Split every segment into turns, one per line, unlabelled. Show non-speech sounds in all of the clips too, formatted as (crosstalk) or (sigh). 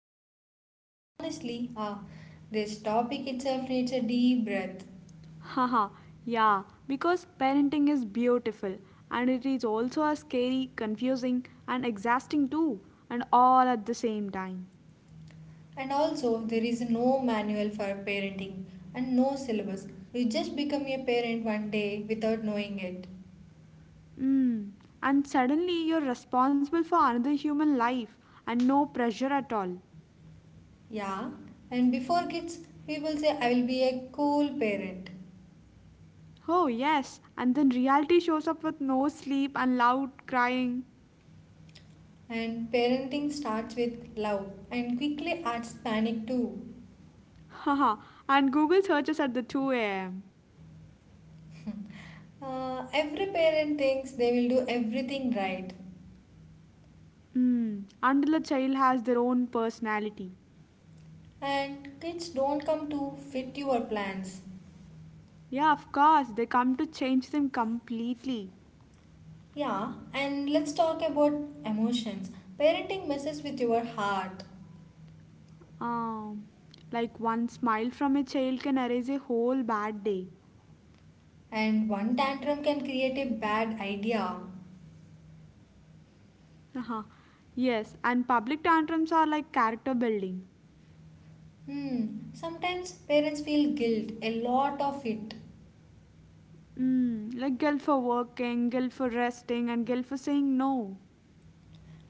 parenting, and honestly, this topic itself needs a deep breath.
Haha, yeah, because parenting is beautiful and it is also a scary, confusing, and exhausting too, and all at the same time.
And also, there is no manual for parenting and no syllabus. You just become a parent one day without knowing it.
Mm. And suddenly you're responsible for another human life and no pressure at all.
Yeah, and before kids, people say, I will be a cool parent.
Oh, yes, and then reality shows up with no sleep and loud crying.
And parenting starts with love and quickly adds panic too.
Haha, and Google searches at the 2 am.
(laughs) Every parent thinks they will do everything right,
Mm. Until the child has their own personality.
and kids don't come to fit your plans.
Yeah, of course, they come to change them completely.
Yeah, and let's talk about emotions. Parenting messes with your heart,
Um, like one smile from a child can erase a whole bad day.
and one tantrum can create a bad idea.
Uh-huh. Yes, and public tantrums are like character building.
Hmm, sometimes parents feel guilt, a lot of it,
Mm, like guilt for working, guilt for resting, and guilt for saying no.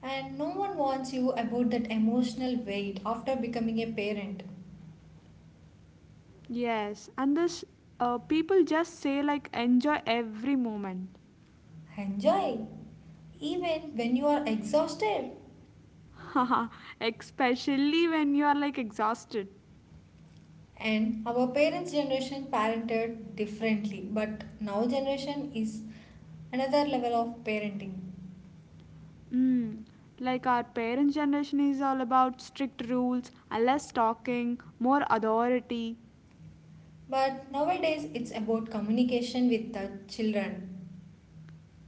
and no one warns you about that emotional weight after becoming a parent.
Yes, and this people just say like enjoy every moment.
Enjoy, even when you are exhausted.
(laughs) Haha, especially when you are like exhausted.
And our parents generation parented differently, but now generation is another level of parenting,
Mm. Like our parents' generation is all about strict rules, and less talking, more authority.
but nowadays it's about communication with the children,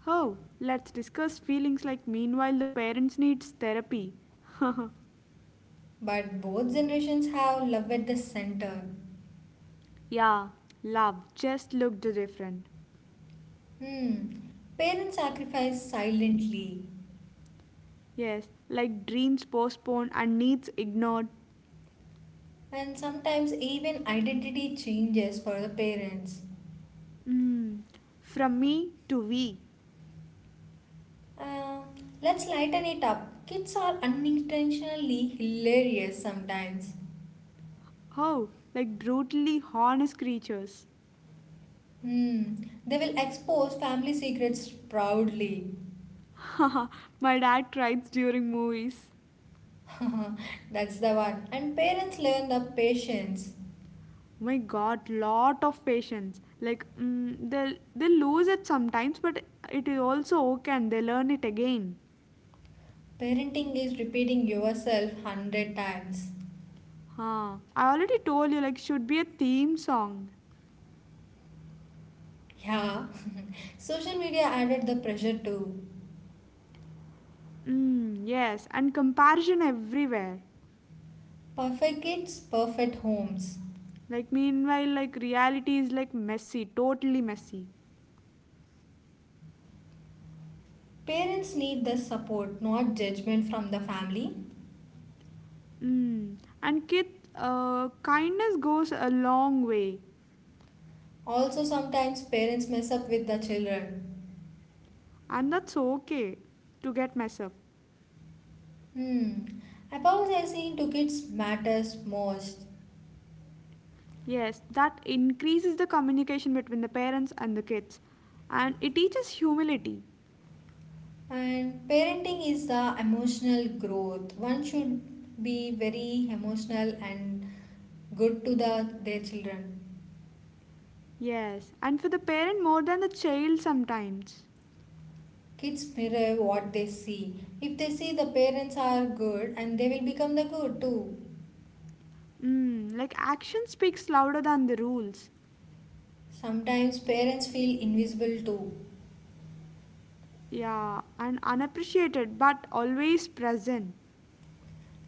Oh, let's discuss feelings like meanwhile the parents needs therapy.
but both generations have love at the center.
Yeah, love just looked different.
Hmm, parents sacrifice silently,
Yes, like dreams postponed and needs ignored.
and sometimes even identity changes for the parents.
Mm, from me to we.
uh, let's lighten it up, kids are unintentionally hilarious sometimes.
Oh, like brutally honest creatures.
Hmm. They will expose family secrets proudly.
(laughs) Haha, my dad cries during movies.
(laughs) That's the one. And parents learn the patience.
My god, lot of patience. Like, they lose it sometimes, but it is also okay and they learn it again.
Parenting is repeating yourself hundred times.
Huh. I already told you, like, should be a theme song.
Yeah. (laughs) Social media added the pressure too.
Mm, yes, and comparison everywhere.
Perfect kids, perfect homes.
Like, meanwhile, like, reality is like messy, totally messy.
Parents need the support, not judgment from the family.
Mm. And kindness goes a long way,
Also, sometimes parents mess up with the children.
and that's okay to get messed up.
Hmm. Apologizing to kids matters most.
Yes, that increases the communication between the parents and the kids, and it teaches humility.
And parenting is the emotional growth. One should be very emotional and good to the their children.
Yes, and for the parent more than the child sometimes.
Kids mirror what they see. If they see the parents are good and they will become the good too.
Mm, like action speaks louder than the rules.
Sometimes parents feel invisible too.
Yeah, and unappreciated but always present.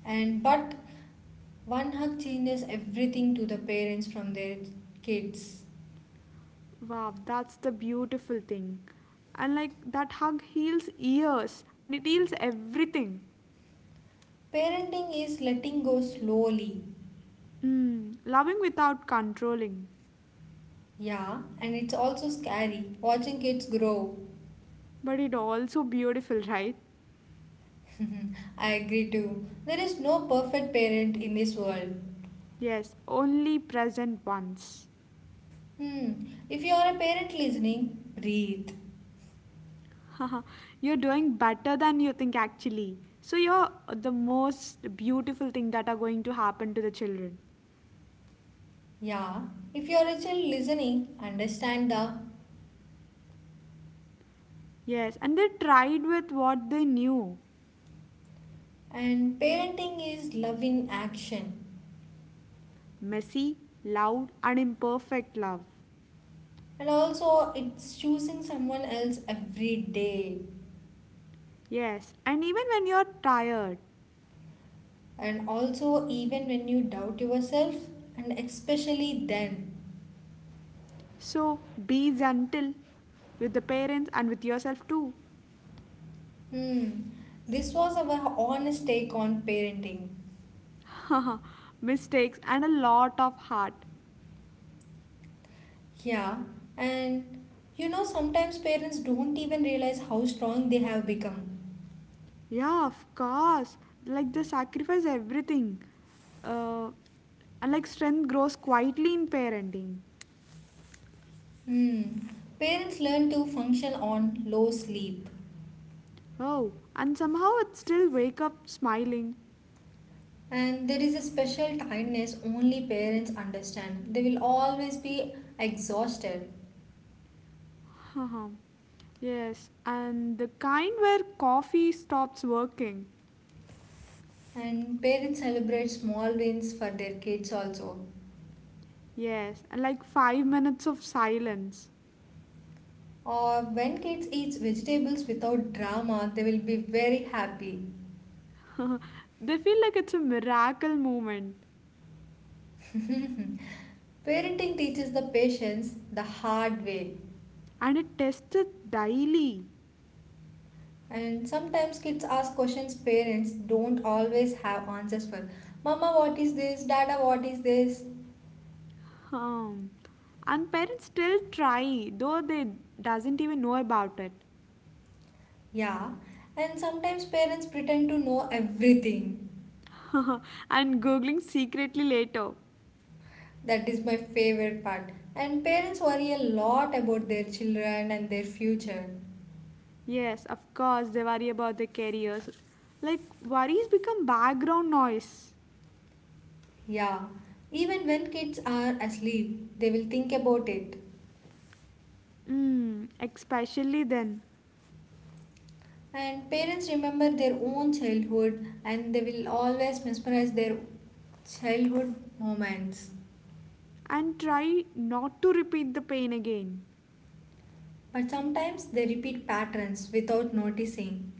And but one hug changes everything to the parents from their kids.
Wow, that's the beautiful thing. And like that hug heals years, and it heals everything.
Parenting is letting go slowly.
Mm, loving without controlling.
Yeah, and it's also scary watching kids grow.
But it also beautiful, right?
(laughs) I agree too. There is no perfect parent in this world.
Yes, only present once.
Hmm. If you are a parent listening, breathe.
(laughs) Haha, you're doing better than you think actually. So you're the most beautiful thing that are going to happen to the children.
Yeah. If you are a child listening, understand the.
Yes, and they tried with what they knew.
And parenting is love in action.
Messy, loud, and imperfect love.
And also, it's choosing someone else every day.
Yes, and even when you're tired.
And also, even when you doubt yourself, and especially then.
So be gentle with the parents and with yourself too.
Hmm. This was our honest take on parenting.
Mistakes and a lot of heart.
Yeah, and you know, sometimes parents don't even realize how strong they have become.
Yeah, of course. Like they sacrifice everything. Uh, and like strength grows quietly in parenting.
Hmm. Parents learn to function on low sleep,
Oh, and somehow it still wake up smiling.
and there is a special tiredness only parents understand. They will always be exhausted,
Haha, yes, and the kind where coffee stops working.
and parents celebrate small wins for their kids also.
Yes, and like 5 minutes of silence.
Or when kids eat vegetables without drama, they will be very happy.
They feel like it's a miracle moment
(laughs) Parenting teaches the patience the hard way.
and it tested daily.
And sometimes kids ask questions parents don't always have answers for. Mama, what is this? Dada, what is this?
Um, and parents still try, though they doesn't even know about it.
Yeah. And sometimes parents pretend to know everything.
(laughs) And googling secretly later.
That is my favorite part. And parents worry a lot about their children and their future.
Yes, of course they worry about their careers. Like worries become background noise.
Yeah. Even when kids are asleep, they will think about it.
Mm, especially then.
And parents remember their own childhood and they will always mesmerize their childhood moments.
And try not to repeat the pain again.
But sometimes they repeat patterns without noticing.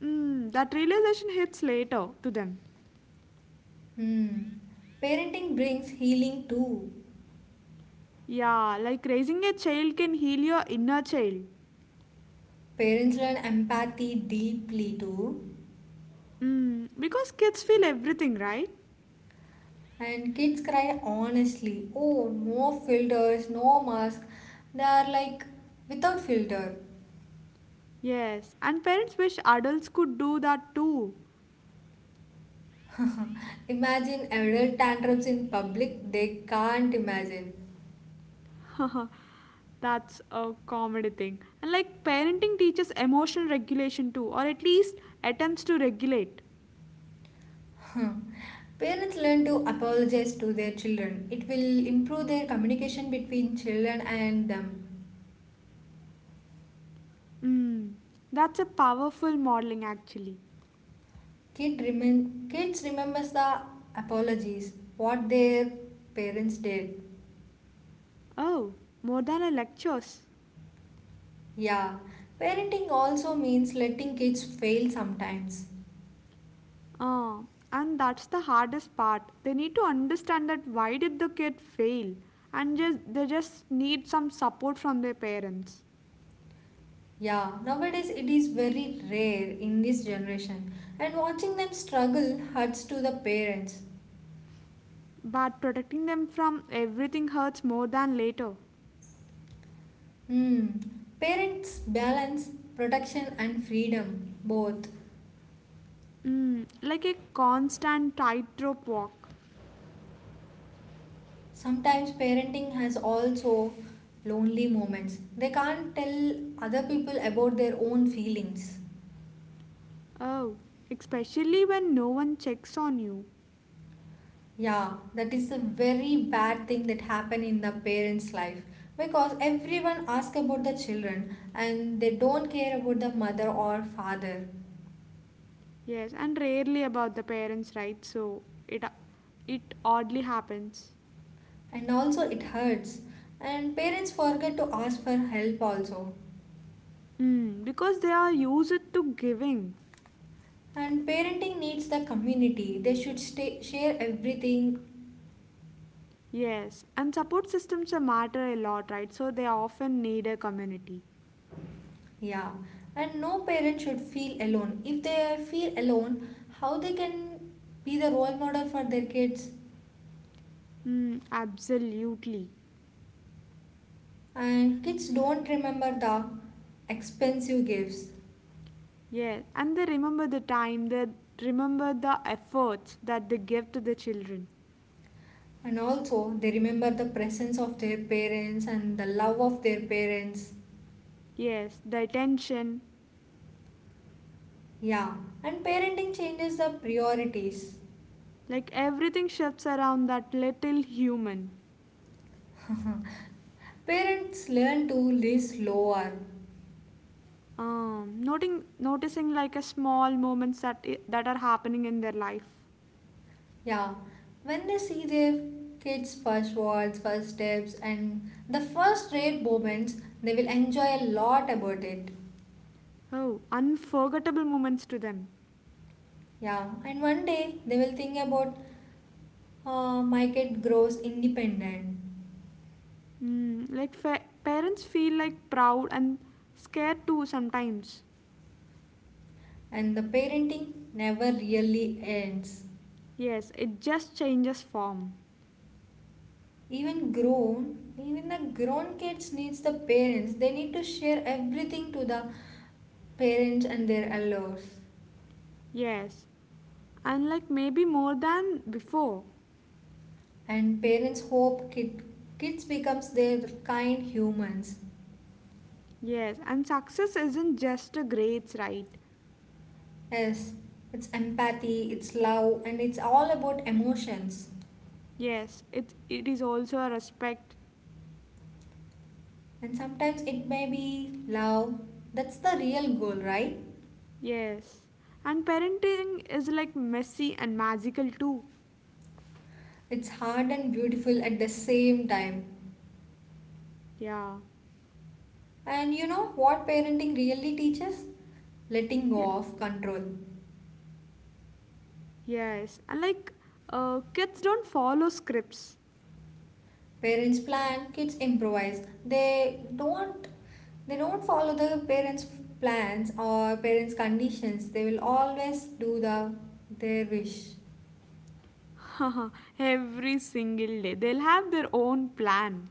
Mm, that realization hits later to them.
Hmm. Parenting brings healing too.
Yeah, like raising a child can heal your inner child.
Parents learn empathy deeply too.
Mm, because kids feel everything, right?
And kids cry honestly. Oh, no filters, no mask. They are like without filter.
Yes, and parents wish adults could do that too.
Imagine adult tantrums in public, they can't imagine.
(laughs) That's a comedy thing. And like parenting teaches emotional regulation too, or at least attempts to regulate.
Huh, parents learn to apologize to their children. It will improve their communication between children and them.
Mm, that's a powerful modeling actually.
Kids remembers the apologies what their parents did.
Oh, more than a lectures.
Yeah, parenting also means letting kids fail sometimes.
Ah, and that's the hardest part. They need to understand that why did the kid fail, and just they just need some support from their parents.
Yeah, nowadays it is very rare in this generation, and watching them struggle hurts to the parents.
But protecting them from everything hurts more than later.
Hmm. Parents balance protection and freedom both.
Mm, like a constant tightrope walk.
Sometimes parenting has also lonely moments. They can't tell other people about their own feelings.
Oh, especially when no one checks on you.
Yeah, that is a very bad thing that happen in the parents' life because everyone asks about the children and they don't care about the mother or father.
Yes, and rarely about the parents, right? So it oddly happens.
And also it hurts. And parents forget to ask for help also.
Mm, because they are used to giving.
And parenting needs the community. They should stay, share everything.
Yes, and support systems are matter a lot, right? So they often need a community.
Yeah, and no parent should feel alone. If they feel alone, how they can be the role model for their kids?
Mm, absolutely.
And kids don't remember the expensive gifts.
Yes, and they remember the time, they remember the efforts that they give to the children.
And also, they remember the presence of their parents and the love of their parents.
Yes, the attention,
Yeah, and parenting changes the priorities.
like everything shifts around that little human.
Parents learn to live slower.
Noticing like a small moments that are happening in their life.
Yeah, when they see their kids' first words, first steps, and the first rare moments, they will enjoy a lot about it.
Oh, unforgettable moments to them.
Yeah, and one day they will think about, my kid grows independent,
Mm, like parents feel like proud and scared too sometimes.
and the parenting never really ends.
Yes, it just changes form.
Even grown, even the grown kids needs the parents. They need to share everything to the parents and their elders.
Yes, and like maybe more than before.
And parents hope kids becomes their kind humans.
Yes, and success isn't just a grades, right?
Yes, it's empathy, it's love, and it's all about emotions,
Yes, it is also a respect.
and sometimes it may be love. That's the real goal, right?
Yes, and parenting is like messy and magical too.
It's hard and beautiful at the same time.
Yeah.
And you know what parenting really teaches, letting go
Yeah.
of control.
Yes, and like kids don't follow scripts.
Parents plan, kids improvise. They don't follow the parents plans or parents conditions, they will always do the their wish.
(laughs) Every single day. They'll have their own plan.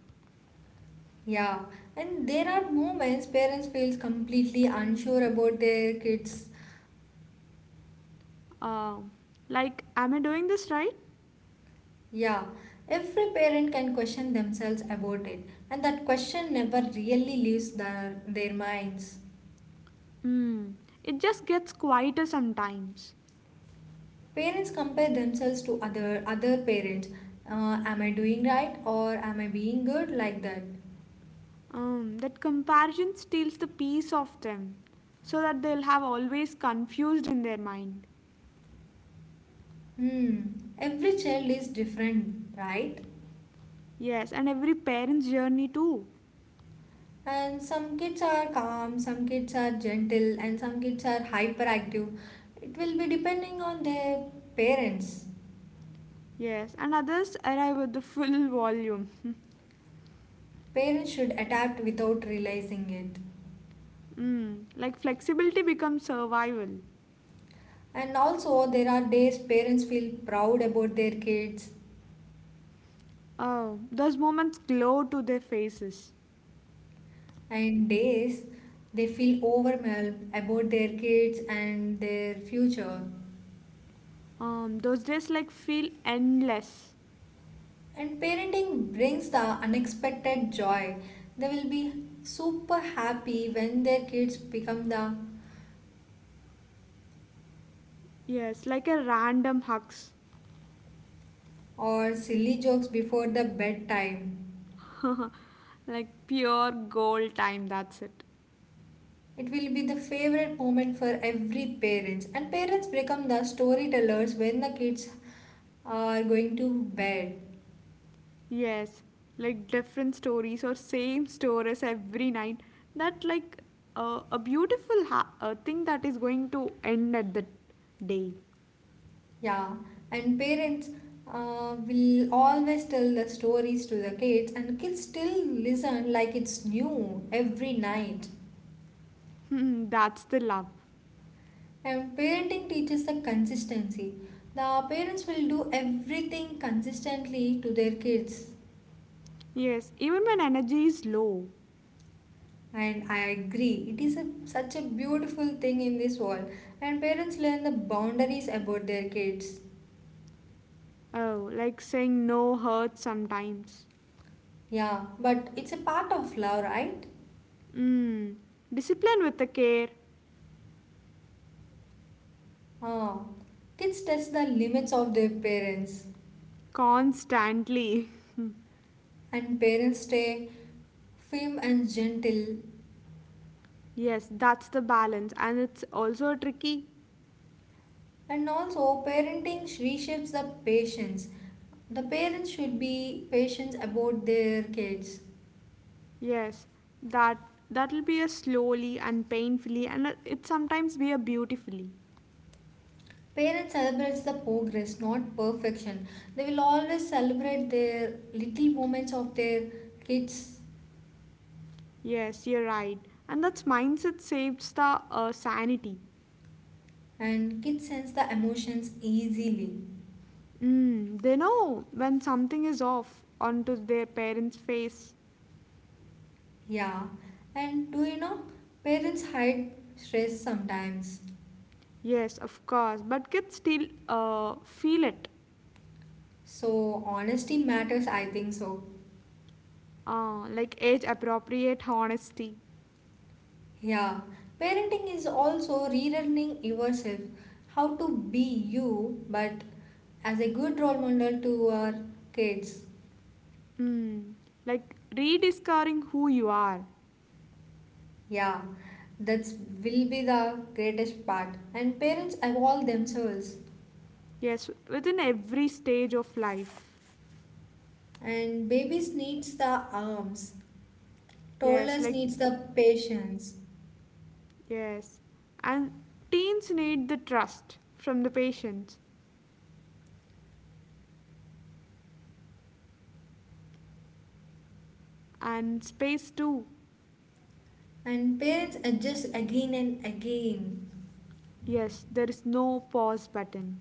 Yeah, and there are moments parents feels completely unsure about their kids.
Um, like, am I doing this right?
Yeah, every parent can question themselves about it, and that question never really leaves their minds.
Hmm. It just gets quieter sometimes.
Parents compare themselves to other parents. Am I doing right or am I being good like that?
That comparison steals the peace of them, so that they'll have always confused in their mind.
Hmm. Every child is different, right?
Yes, and every parent's journey too.
And some kids are calm, some kids are gentle, and some kids are hyperactive. It will be depending on their parents.
Yes, and others arrive with the full (laughs) volume.
Parents should adapt without realizing it.
Mm, like flexibility becomes survival.
And also, there are days parents feel proud about their kids,
Oh, those moments glow to their faces.
and days they feel overwhelmed about their kids and their future.
Those days like feel endless.
And parenting brings the unexpected joy. They will be super happy when their kids become the
Yes, like a random hugs.
or silly jokes before the bedtime.
Like pure gold time, that's it.
It will be the favorite moment for every parents and parents become the storytellers when the kids are going to bed.
Yes, like different stories or same stories every night. That like a beautiful thing that is going to end at the day.
Yeah, and parents will always tell the stories to the kids, and kids still listen like it's new every night.
Hmm, that's the love.
And parenting teaches the consistency. The parents will do everything consistently to their kids.
Yes, even when energy is low.
And I agree, it is such a beautiful thing in this world. And parents learn the boundaries about their kids.
Oh, like saying no hurts sometimes.
Yeah, but it's a part of love, right?
Mm. Discipline with the care.
Ah, kids test the limits of their parents,
Constantly. (laughs)
and parents stay firm and gentle.
Yes, that's the balance, and it's also tricky.
And also, parenting reshapes the patience. The parents should be patient about their kids.
Yes, that that'll be a slowly and painfully, and it sometimes be a beautifully.
Parents celebrates the progress, not perfection. They will always celebrate their little moments of their kids,
Yes, you're right, and that's mindset saves the sanity.
and kids sense the emotions easily.
Mm, they know when something is off onto their parents' face.
Yeah, and do you know, parents hide stress sometimes.
Yes, of course, but kids still feel it,
So, honesty matters, I think so.
like age appropriate honesty.
Yeah, parenting is also relearning yourself, how to be you, but as a good role model to our kids.
Mm, like rediscovering who you are.
Yeah, that's will be the greatest part. And parents evolve themselves,
Yes, within every stage of life.
and babies needs the arms,
Yes,
toddlers
like,
needs the patience.
yes. And teens need the trust from the patients and space too.
And parents adjust again and again.
Yes, there is no pause button.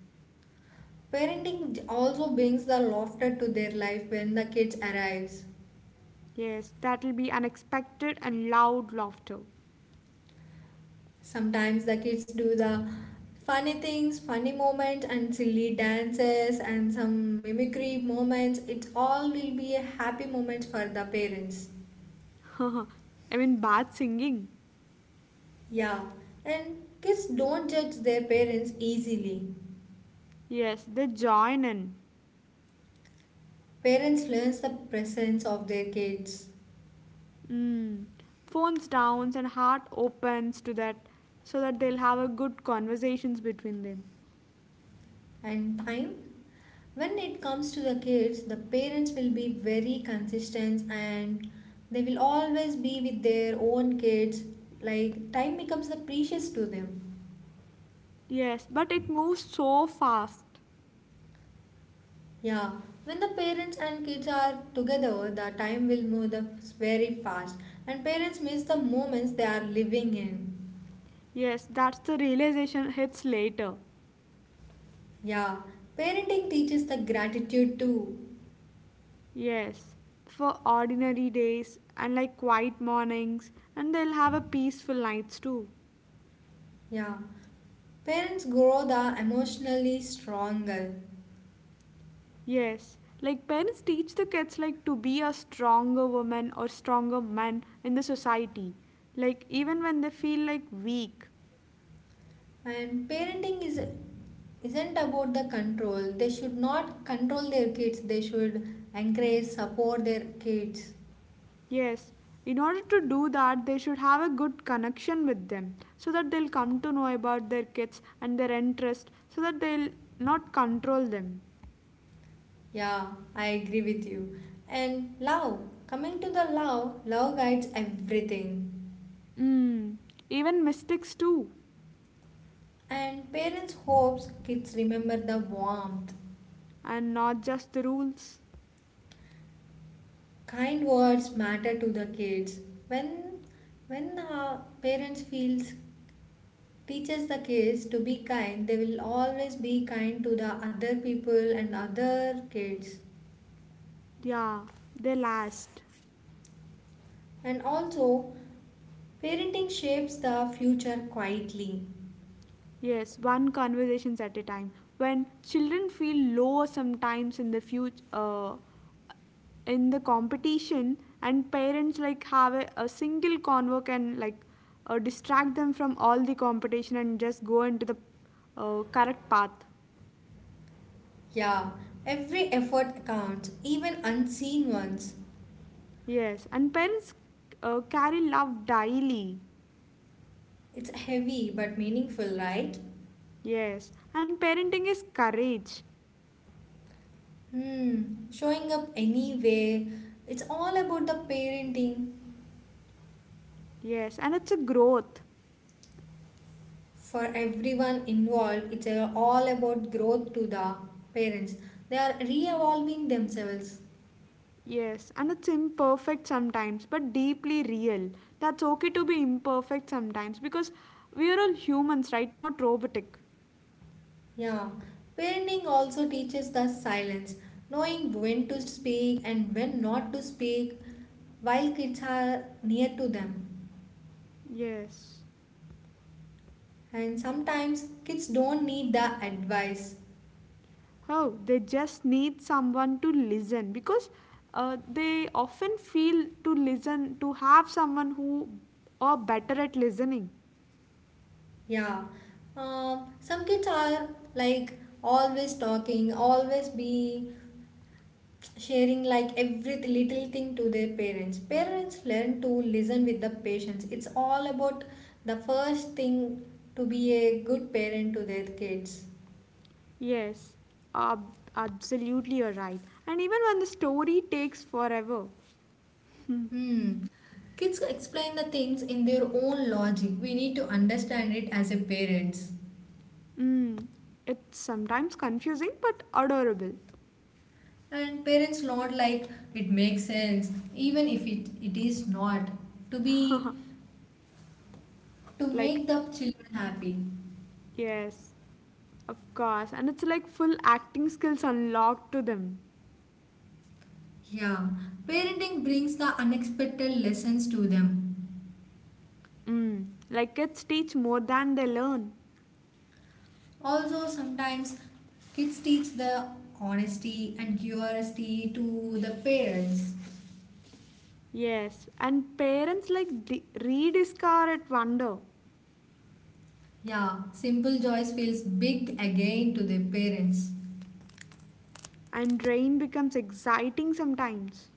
Also brings the laughter to their life when the kids arrives.
Yes, that'll be unexpected and loud laughter.
Sometimes the kids do the funny things, funny moments and silly dances and some mimicry moments. It all will be a happy moment for the parents.
I mean, bad singing.
Yeah, and kids don't judge their parents easily.
Yes, they join in.
Parents learn the presence of their kids.
Mm. Phones down and heart opens to that so that they'll have a good conversations between them.
And time, when it comes to the kids, the parents will be very consistent, and they will always be with their own kids. Like time becomes the precious to them.
Yes, but it moves so fast.
Yeah, when the parents and kids are together, the time will move the very fast, and parents miss the moments they are living in.
Yes, that's the realization hits later.
Yeah, parenting teaches the gratitude too.
Yes, for ordinary days and like quiet mornings, and they'll have a peaceful nights too.
Yeah, parents grow the emotionally stronger.
Yes, like parents teach the kids like to be a stronger woman or stronger man in the society, like even when they feel like weak.
And parenting is isn't about the control. They should not control their kids. They should encourage, support their kids.
Yes, in order to do that, they should have a good connection with them so that they'll come to know about their kids and their interest so that they'll not control them.
Yeah, I agree with you. And love, coming to the love, love guides everything.
Mm, even mistakes too,
And parents hopes kids remember the warmth.
and not just the rules.
Kind words matter to the kids. When when parents feels teaches the kids to be kind, they will always be kind to the other people and other kids.
Yeah, they last.
And also parenting shapes the future quietly.
Yes, one conversations at a time. When children feel low sometimes in the future, in the competition, and parents like have a single convo can like distract them from all the competition and just go into the correct path.
Yeah, every effort counts, even unseen ones.
Yes, and parents carry love daily.
It's heavy but meaningful, right?
Yes, and parenting is courage.
Hmm, showing up anyway. It's all about the parenting
Yes, and it's a growth.
for everyone involved. It's all about growth to the parents, they are re-evolving themselves.
Yes, and it's imperfect sometimes, but deeply real. That's okay to be imperfect sometimes because we are all humans, right? Not robotic.
Yeah, parenting also teaches the silence, knowing when to speak and when not to speak while kids are near to them.
Yes.
And sometimes kids don't need the advice.
Oh, they just need someone to listen because they often feel to listen, to have someone who are better at listening.
Yeah, um, some kids are like always talking, always be sharing like every little thing to their parents. Parents learn to listen with the patience. It's all about the first thing to be a good parent to their kids.
Yes, absolutely, you're right. And even when the story takes forever,
Hmm. Kids explain the things in their own logic. We need to understand it as a parents.
Mm, it's sometimes confusing but adorable.
And parents not like it makes sense, even if it is not. To be to
Like,
make the children happy.
yes, of course. And it's like full acting skills unlocked to them.
Yeah. Parenting brings the unexpected lessons to them.
Mm, like kids teach more than they learn.
Also sometimes kids teach the honesty and curiosity to the parents.
Yes, and parents like rediscover it wonder.
Yeah, simple joys feels big again to their parents.
And rain becomes exciting sometimes.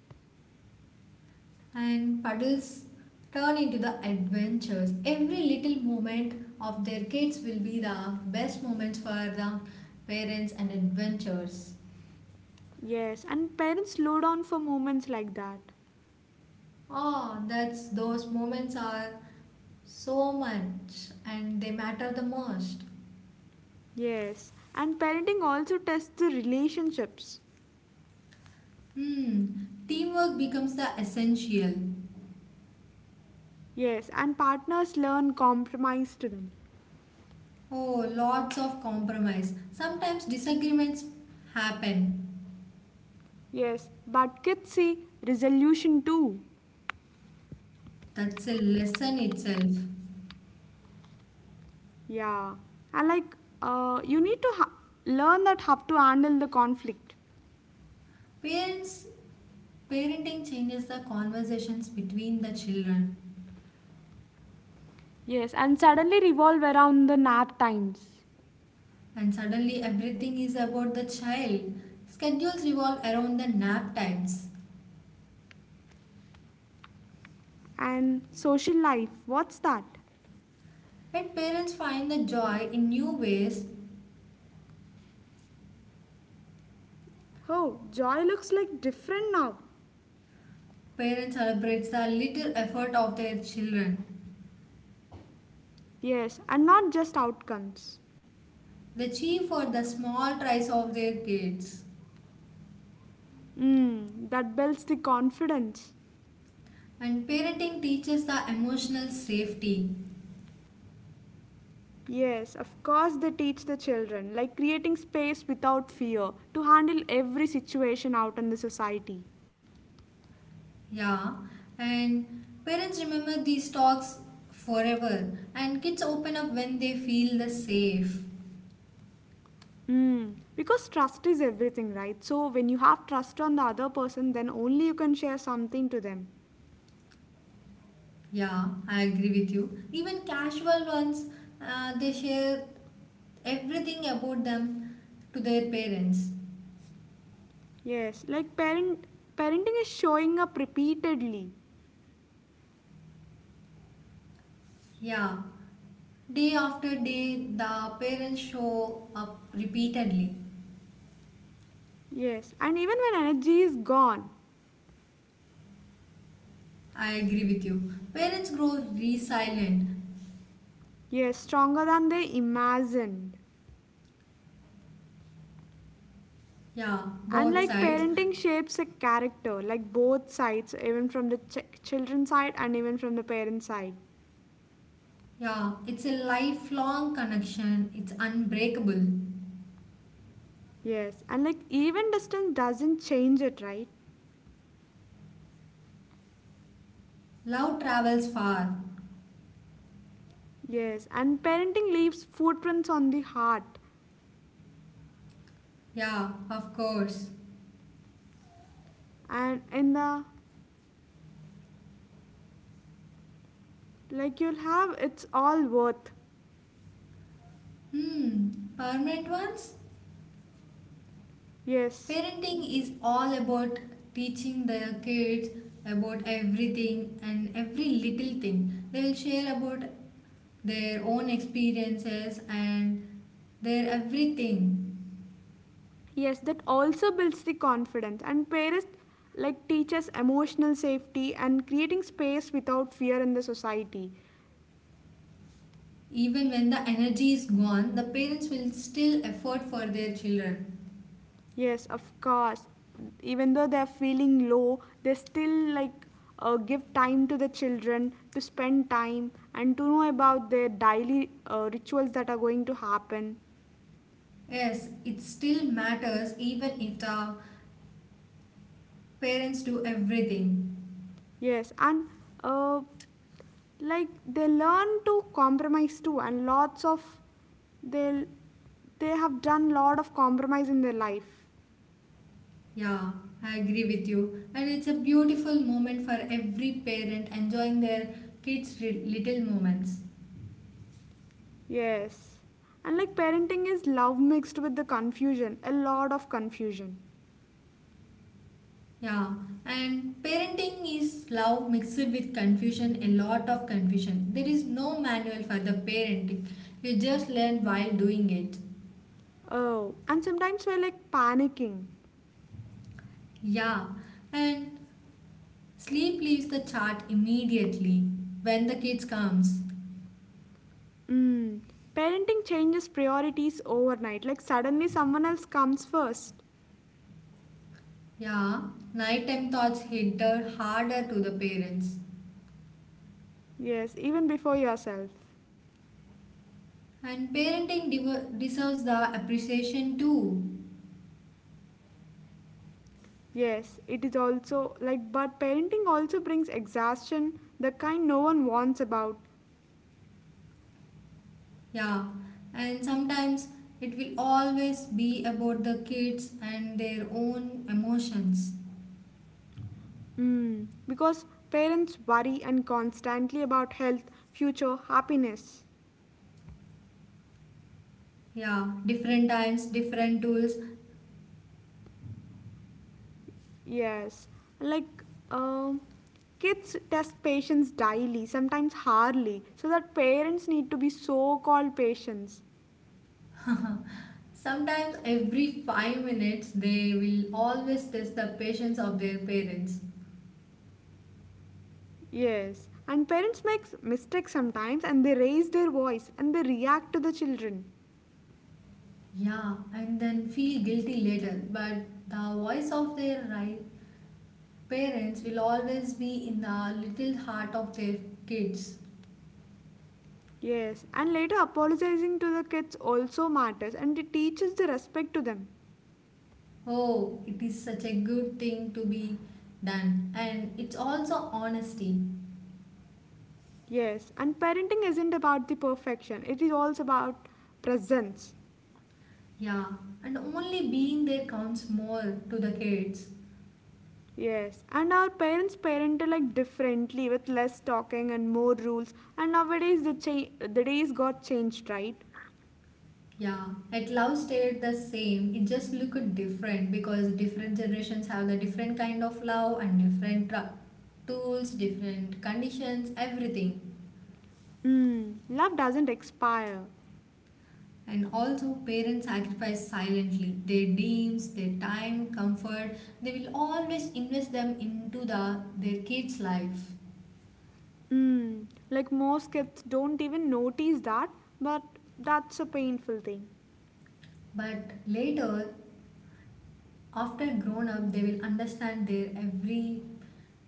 And puddles turn into the adventures. Every little moment of their kids will be the best moments for the parents and adventures.
Yes, and parents slow down for moments like that.
Oh, that's those moments are so much and they matter the most.
Yes, and parenting also tests the relationships.
Hmm, teamwork becomes the essential.
Yes, and partners learn compromise to them.
Oh, lots of compromise. Sometimes disagreements happen.
Yes, but kids see resolution too.
That's a lesson itself.
Yeah, and like you need to learn that how to handle the conflict.
Parents Parenting changes the conversations between the children,
Yes, and suddenly revolve around the nap times.
and suddenly everything is about the child. Schedules revolve around the nap times.
And social life, what's that?
Yet parents find the joy in new ways.
Oh, joy looks like different now.
Parents celebrate the little effort of their children.
Yes, and not just outcomes.
They cheer for the small tries of their kids.
Mm, that builds the confidence.
And parenting teaches the emotional safety.
Yes, of course they teach the children, like creating space without fear to handle every situation out in the society.
Yeah, and parents remember these talks forever, and kids open up when they feel the safe.
Mm, because trust is everything, right? So when you have trust on the other person, then only you can share something to them.
Yeah, I agree with you. Even casual ones, they share everything about them to their parents.
Yes, like parenting is showing up repeatedly.
Yeah, day after day, the parents show up repeatedly.
Yes, and even when energy is gone.
I agree with you. Parents grow resilient.
Yes, stronger than they imagined.
Yeah,
And
both
like
sides.
parenting shapes a character, like both sides, even from the children's side and even from the parent side.
Yeah, it's a lifelong connection, it's unbreakable.
Yes, and like even distance doesn't change it, right?
Love travels far.
Yes, and parenting leaves footprints on the heart.
Yeah, of course.
And in the like you'll have it's all worth.
Hmm, permanent ones?
Yes.
Parenting is all about teaching the kids about everything and every little thing. They will share about their own experiences and their everything.
Yes, that also builds the confidence, and parents like teaches emotional safety and creating space without fear in the society.
Even when the energy is gone, the parents will still effort for their children.
Yes, of course, even though they're feeling low, they still like give time to the children to spend time and to know about their daily rituals that are going to happen.
Yes, it still matters even if the parents do everything.
Yes, and uh, like they learn to compromise too, and lots of they they have done lot of compromise in their life.
Yeah, I agree with you. And it's a beautiful moment for every parent enjoying their kids' little moments.
Yes, and like parenting is love mixed with the confusion, a lot of confusion.
Yeah, and parenting is love mixed with confusion, a lot of confusion. There is no manual for the parenting, you just learn while doing it.
Oh, and sometimes we're like panicking.
Yeah, and sleep leaves the chart immediately when the kids comes.
Mm. Parenting changes priorities overnight. Like suddenly someone else comes first.
Yeah, nighttime thoughts hit her harder to the parents.
Yes, even before yourself.
And parenting deserves the appreciation too.
Yes, it is also like, but parenting also brings exhaustion, the kind no one wants about.
Yeah, and sometimes it will always be about the kids and their own emotions.
Mm, because parents worry and constantly about health, future, happiness.
Yeah, different times, different tools.
Yes, like, um, kids test patience daily, sometimes hardly, so that parents need to be so called patients.
Sometimes every 5 minutes they will always test the patience of their parents.
Yes, and parents make mistakes sometimes and they raise their voice and they react to the children.
Yeah, and then feel guilty later. But the voice of their right parents will always be in the little heart of their kids.
Yes, and later apologizing to the kids also matters and it teaches the respect to them.
Oh, it is such a good thing to be done, and it's also honesty.
Yes, and parenting isn't about the perfection, it is also about presence.
Yeah, and only being there counts more to the kids.
Yes, and our parents parented like differently with less talking and more rules, and nowadays the, the days got changed, right?
Yeah, at love stayed the same. It just looked different because different generations have the different kind of love and different tools, different conditions, everything.
Mm, love doesn't expire.
And also, parents sacrifice silently their dreams, their time, comfort. They will always invest them into the their kids' life.
Mm, like most kids don't even notice that, but that's a painful thing.
But later, after grown up, they will understand their every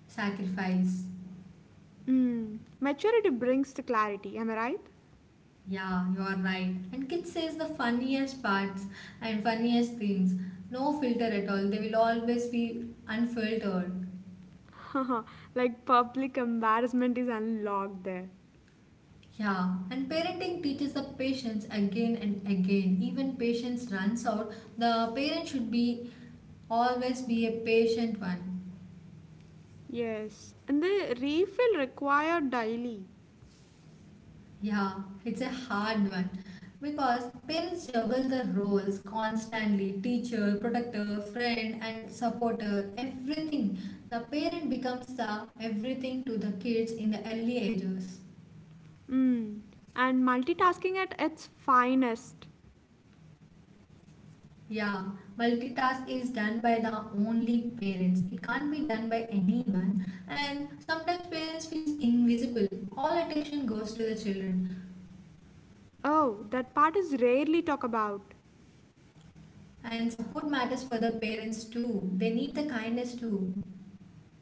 sacrifice.
Hmm, maturity brings the clarity, am I
Yeah, you are right. And kids says the funniest parts and funniest things. No filter at all. They will always be unfiltered.
right? (laughs) like public embarrassment is unlocked there.
Yeah, and parenting teaches the patience again and again. Even patience runs out. The parent should be always be a patient one.
Yes, and the refill required daily.
Yeah, it's a hard one because parents juggle the roles constantly teacher, protector, friend, and supporter, everything. The parent becomes the everything to the kids in the early ages.
Mm, and multitasking at its finest.
Yeah, multitask is done by the only parents, it can't be done by anyone, and sometimes parents feels invisible. All attention goes to the children.
Oh, that part is rarely talked about.
And support matters for the parents too. They need the kindness too.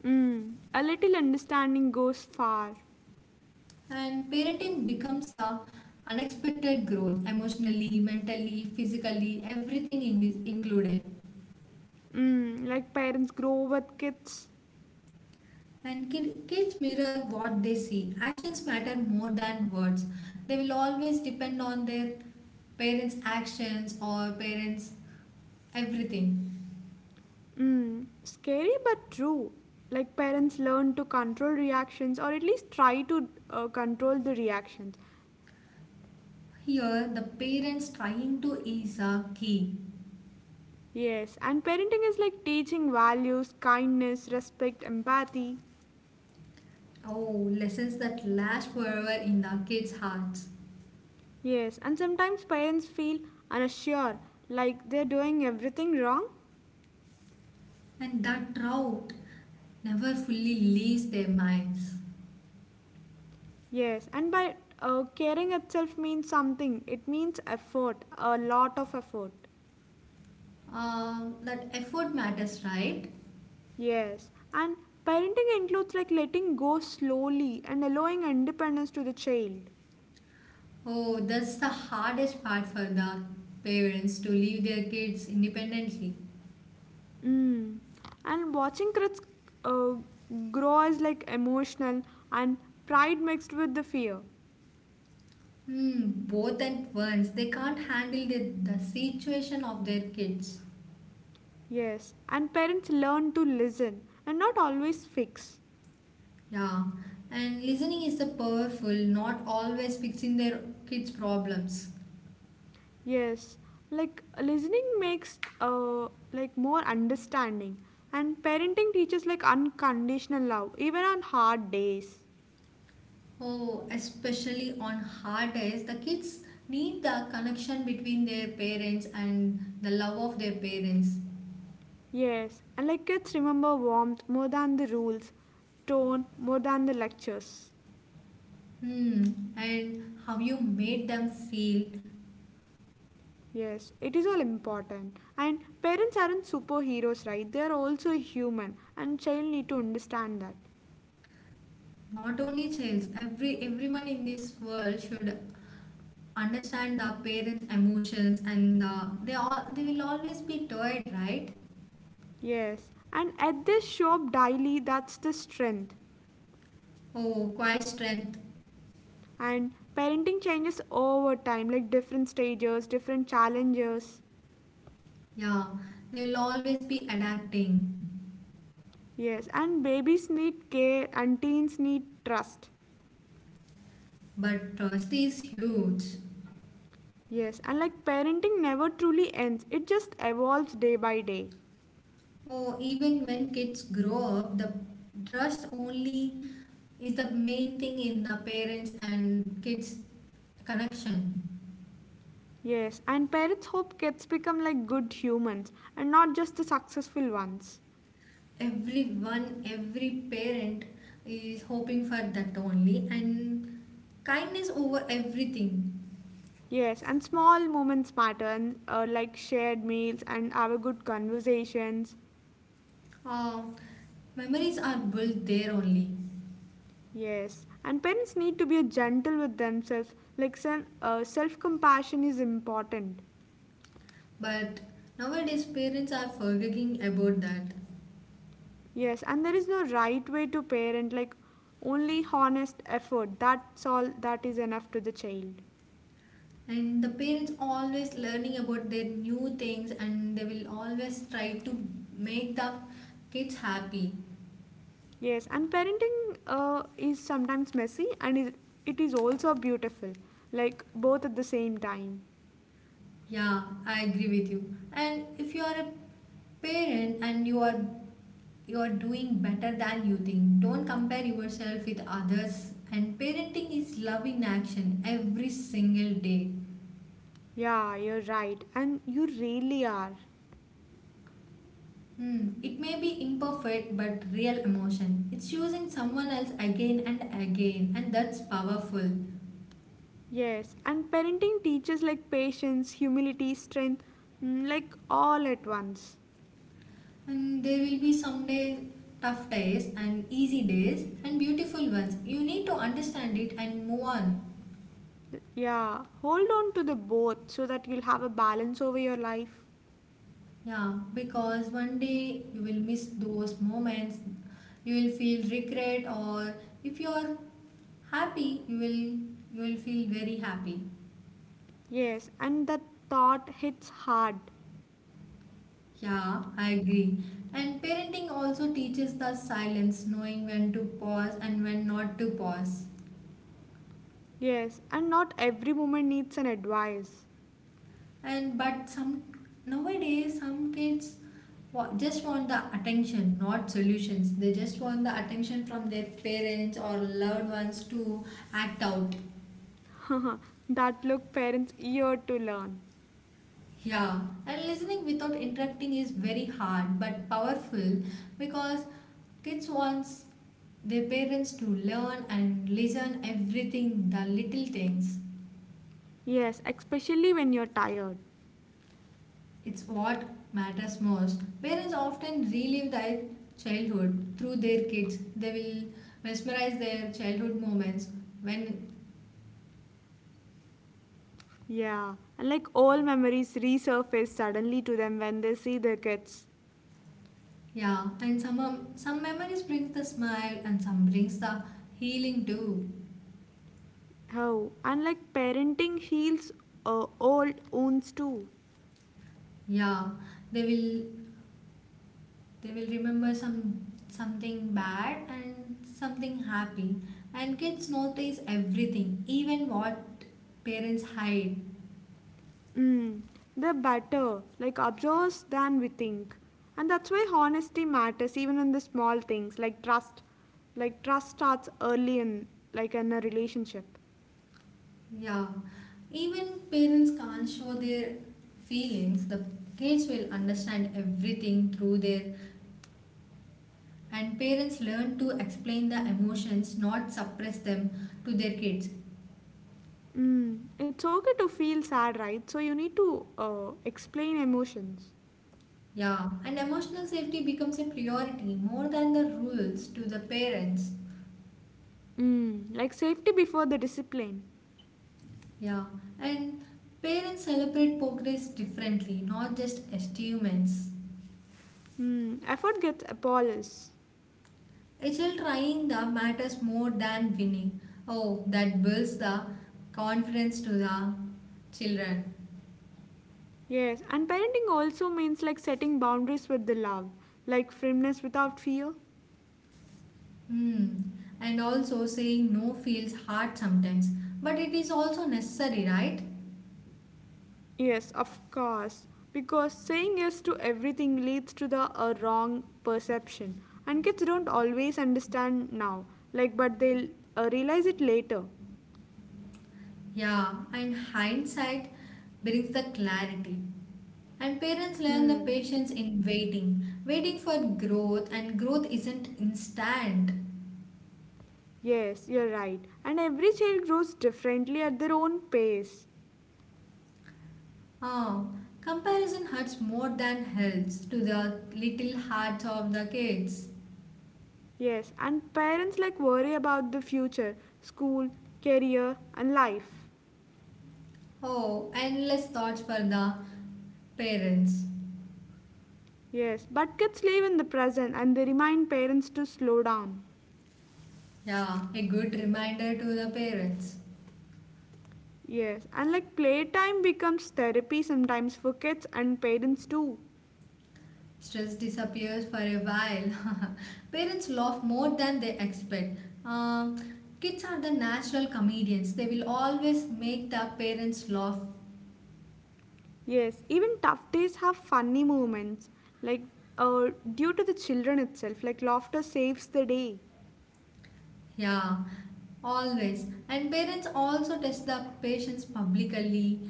Mm, a little understanding goes far.
And parenting becomes a unexpected growth emotionally, mentally, physically, everything included.
Mm, like parents grow with kids.
And kids mirror what they see. Actions matter more than words. They will always depend on their parents' actions or parents' everything.
Mm, scary but true. Like parents learn to control reactions or at least try to control the reactions.
Here, the parents trying to is a key.
Yes, and parenting is like teaching values, kindness, respect, empathy.
Oh, lessons that last forever in the kids' hearts.
Yes, and sometimes parents feel unsure, like they're doing everything wrong.
And that drought never fully leaves their minds.
Yes, and by caring itself means something, it means effort, a lot of effort.
That effort matters, right?
Yes, and parenting includes like letting go slowly and allowing independence to the child.
Oh, that's the hardest part for the parents to leave their kids independently.
Mm. And watching kids uh, grow is like emotional and pride mixed with the fear.
Hmm, both at once. They can't handle the situation of their kids.
Yes, and parents learn to listen and not always fix.
Yeah, and listening is the powerful, not always fixing their kids' problems.
Yes, like listening makes like more understanding, and parenting teaches like unconditional love even on hard days.
Oh, especially on hard days, the kids need the connection between their parents and the love of their parents.
Yes, and like kids remember warmth more than the rules, tone more than the lectures.
Hmm. And how you made them feel.
Yes, it is all important. And parents aren't superheroes, right? They are also human, and child need to understand that.
Not only childs, everyone in this world should understand the parents' emotions, and they all they will always be tired, right?
Yes, and at this shop daily, that's the strength.
Oh, quiet strength.
And parenting changes over time, like different stages, different challenges.
Yeah, they will always be adapting,
Yes, and babies need care, and teens need trust.
but trust is huge.
Yes, and like parenting never truly ends, it just evolves day by day.
Oh, even when kids grow up, the trust only is the main thing in the parents and kids connection.
Yes, and parents hope kids become like good humans and not just the successful ones.
Every parent is hoping for that only, and kindness over everything.
Yes, and small moments matter, and like shared meals and our good conversations.
uh, Memories are built there only,
Yes, and parents need to be gentle with themselves, like self compassion is important.
but nowadays parents are forgetting about that.
Yes, and there is no right way to parent, like only honest effort. That's all that is enough to the child.
And the parents always learning about their new things, and they will always try to make the kids happy.
Yes, and parenting is sometimes messy and is, it is also beautiful, like both at the same time.
Yeah, I agree with you. And if you are a parent, and you are doing better than you think. Don't compare yourself with others. And parenting is love in action every single day.
Yeah, you're right, and you really are.
Hmm. It may be imperfect but real emotion. It's choosing someone else again and again, and that's powerful.
Yes, and parenting teaches like patience, humility, strength, mm, like all at once.
And there will be someday tough days and easy days and beautiful ones. You need to understand it and move on.
Yeah, hold on to the both so that you'll have a balance over your life.
Yeah, because one day you will miss those moments, you will feel regret, or if you are happy, you will feel very happy.
Yes, and that thought hits hard.
Yeah, I agree. And parenting also teaches the silence, knowing when to pause and when not to pause.
Yes, and not every woman needs an advice.
And but some nowadays some kids just want the attention, not solutions. They just want the attention from their parents or loved ones to act out.
Huh, that look parents eager to learn.
Yeah, and listening without interrupting is very hard but powerful because kids wants their parents to learn and listen everything, the little things.
Yes, especially when you're tired.
It's what matters most. Parents often relive their childhood through their kids. They will mesmerize their childhood moments when
Yeah, and like all memories resurface suddenly to them when they see their kids.
yeah, and some memories brings the smile and some brings the healing too.
How? And like parenting heals old wounds too.
Yeah, they will they will remember some something bad and something happy, and kids notice everything even what parents hide.
Mm, they're better, like observes than we think. And that's why honesty matters even in the small things like trust. Like trust starts early in like in a relationship.
Yeah, even parents can't show their feelings, the kids will understand everything through their. And parents learn to explain the emotions not suppress them to their kids.
Mm, it's okay to feel sad, right? So you need to explain emotions.
Yeah, and emotional safety becomes a priority more than the rules to the parents.
Mm, like safety before the discipline.
Yeah, and parents celebrate progress differently, not just achievements.
Mm, effort gets apologized.
A child trying the matters more than winning. Oh, that builds the confidence to the children.
Yes, and parenting also means like setting boundaries with the love, like firmness without fear.
Hmm. And also saying no feels hard sometimes, but it is also necessary, right?
Yes, of course. Because saying yes to everything leads to the wrong perception. And kids don't always understand now, like, but they'll realize it later.
Yeah, and hindsight brings the clarity. And parents learn the
Hmm.
patience in waiting, waiting for growth, and growth isn't instant.
Yes, you're right. And every child grows differently at their own pace.
Ah, comparison hurts more than helps to the little hearts of the kids.
Yes, and parents like worry about the future, school, career, and life.
Oh, endless thoughts for the parents.
Yes, but kids live in the present and they remind parents to slow down.
Yeah, a good reminder to the parents.
Yes, and like playtime becomes therapy sometimes for kids and parents too.
Stress disappears for a while. (laughs) Parents laugh more than they expect. Um, kids are the natural comedians. They will always make the parents laugh.
Yes, even tough days have funny moments, like uh, due to the children itself, like laughter saves the day,
Yeah, always. And parents also test the patients publicly.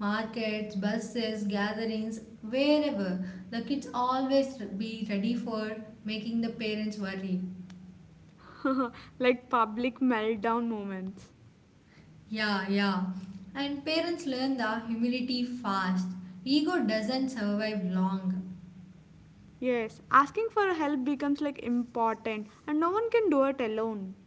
Markets, buses, gatherings, wherever. The kids always be ready for making the parents worry.
(laughs) like public meltdown moments.
Yeah, yeah. And parents learn the humility fast. Ego doesn't survive long.
Yes, asking for help becomes like important and no one can do it alone.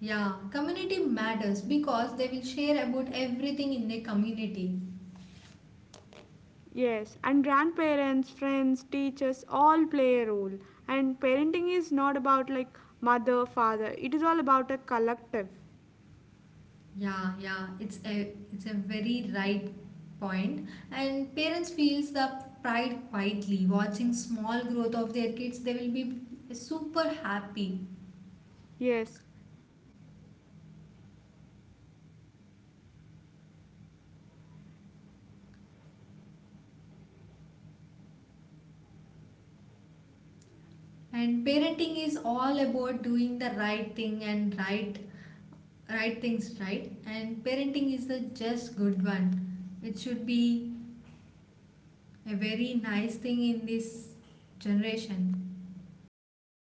Yeah, community matters because they will share about everything in their community.
Yes, and grandparents, friends, teachers all play a role. And parenting is not about like mother, father, it is all about a collective.
Yeah, yeah, it's a very right point. And parents feels the pride quietly watching small growth of their kids. They will be super happy.
Yes, silent tears sometimes. And letting kids fail safely like matters. Like failure teaches the
And
resilience.
parenting is all about doing the right thing and right things right. And parenting is the just good one. It should be a very nice thing in this generation.
Yes,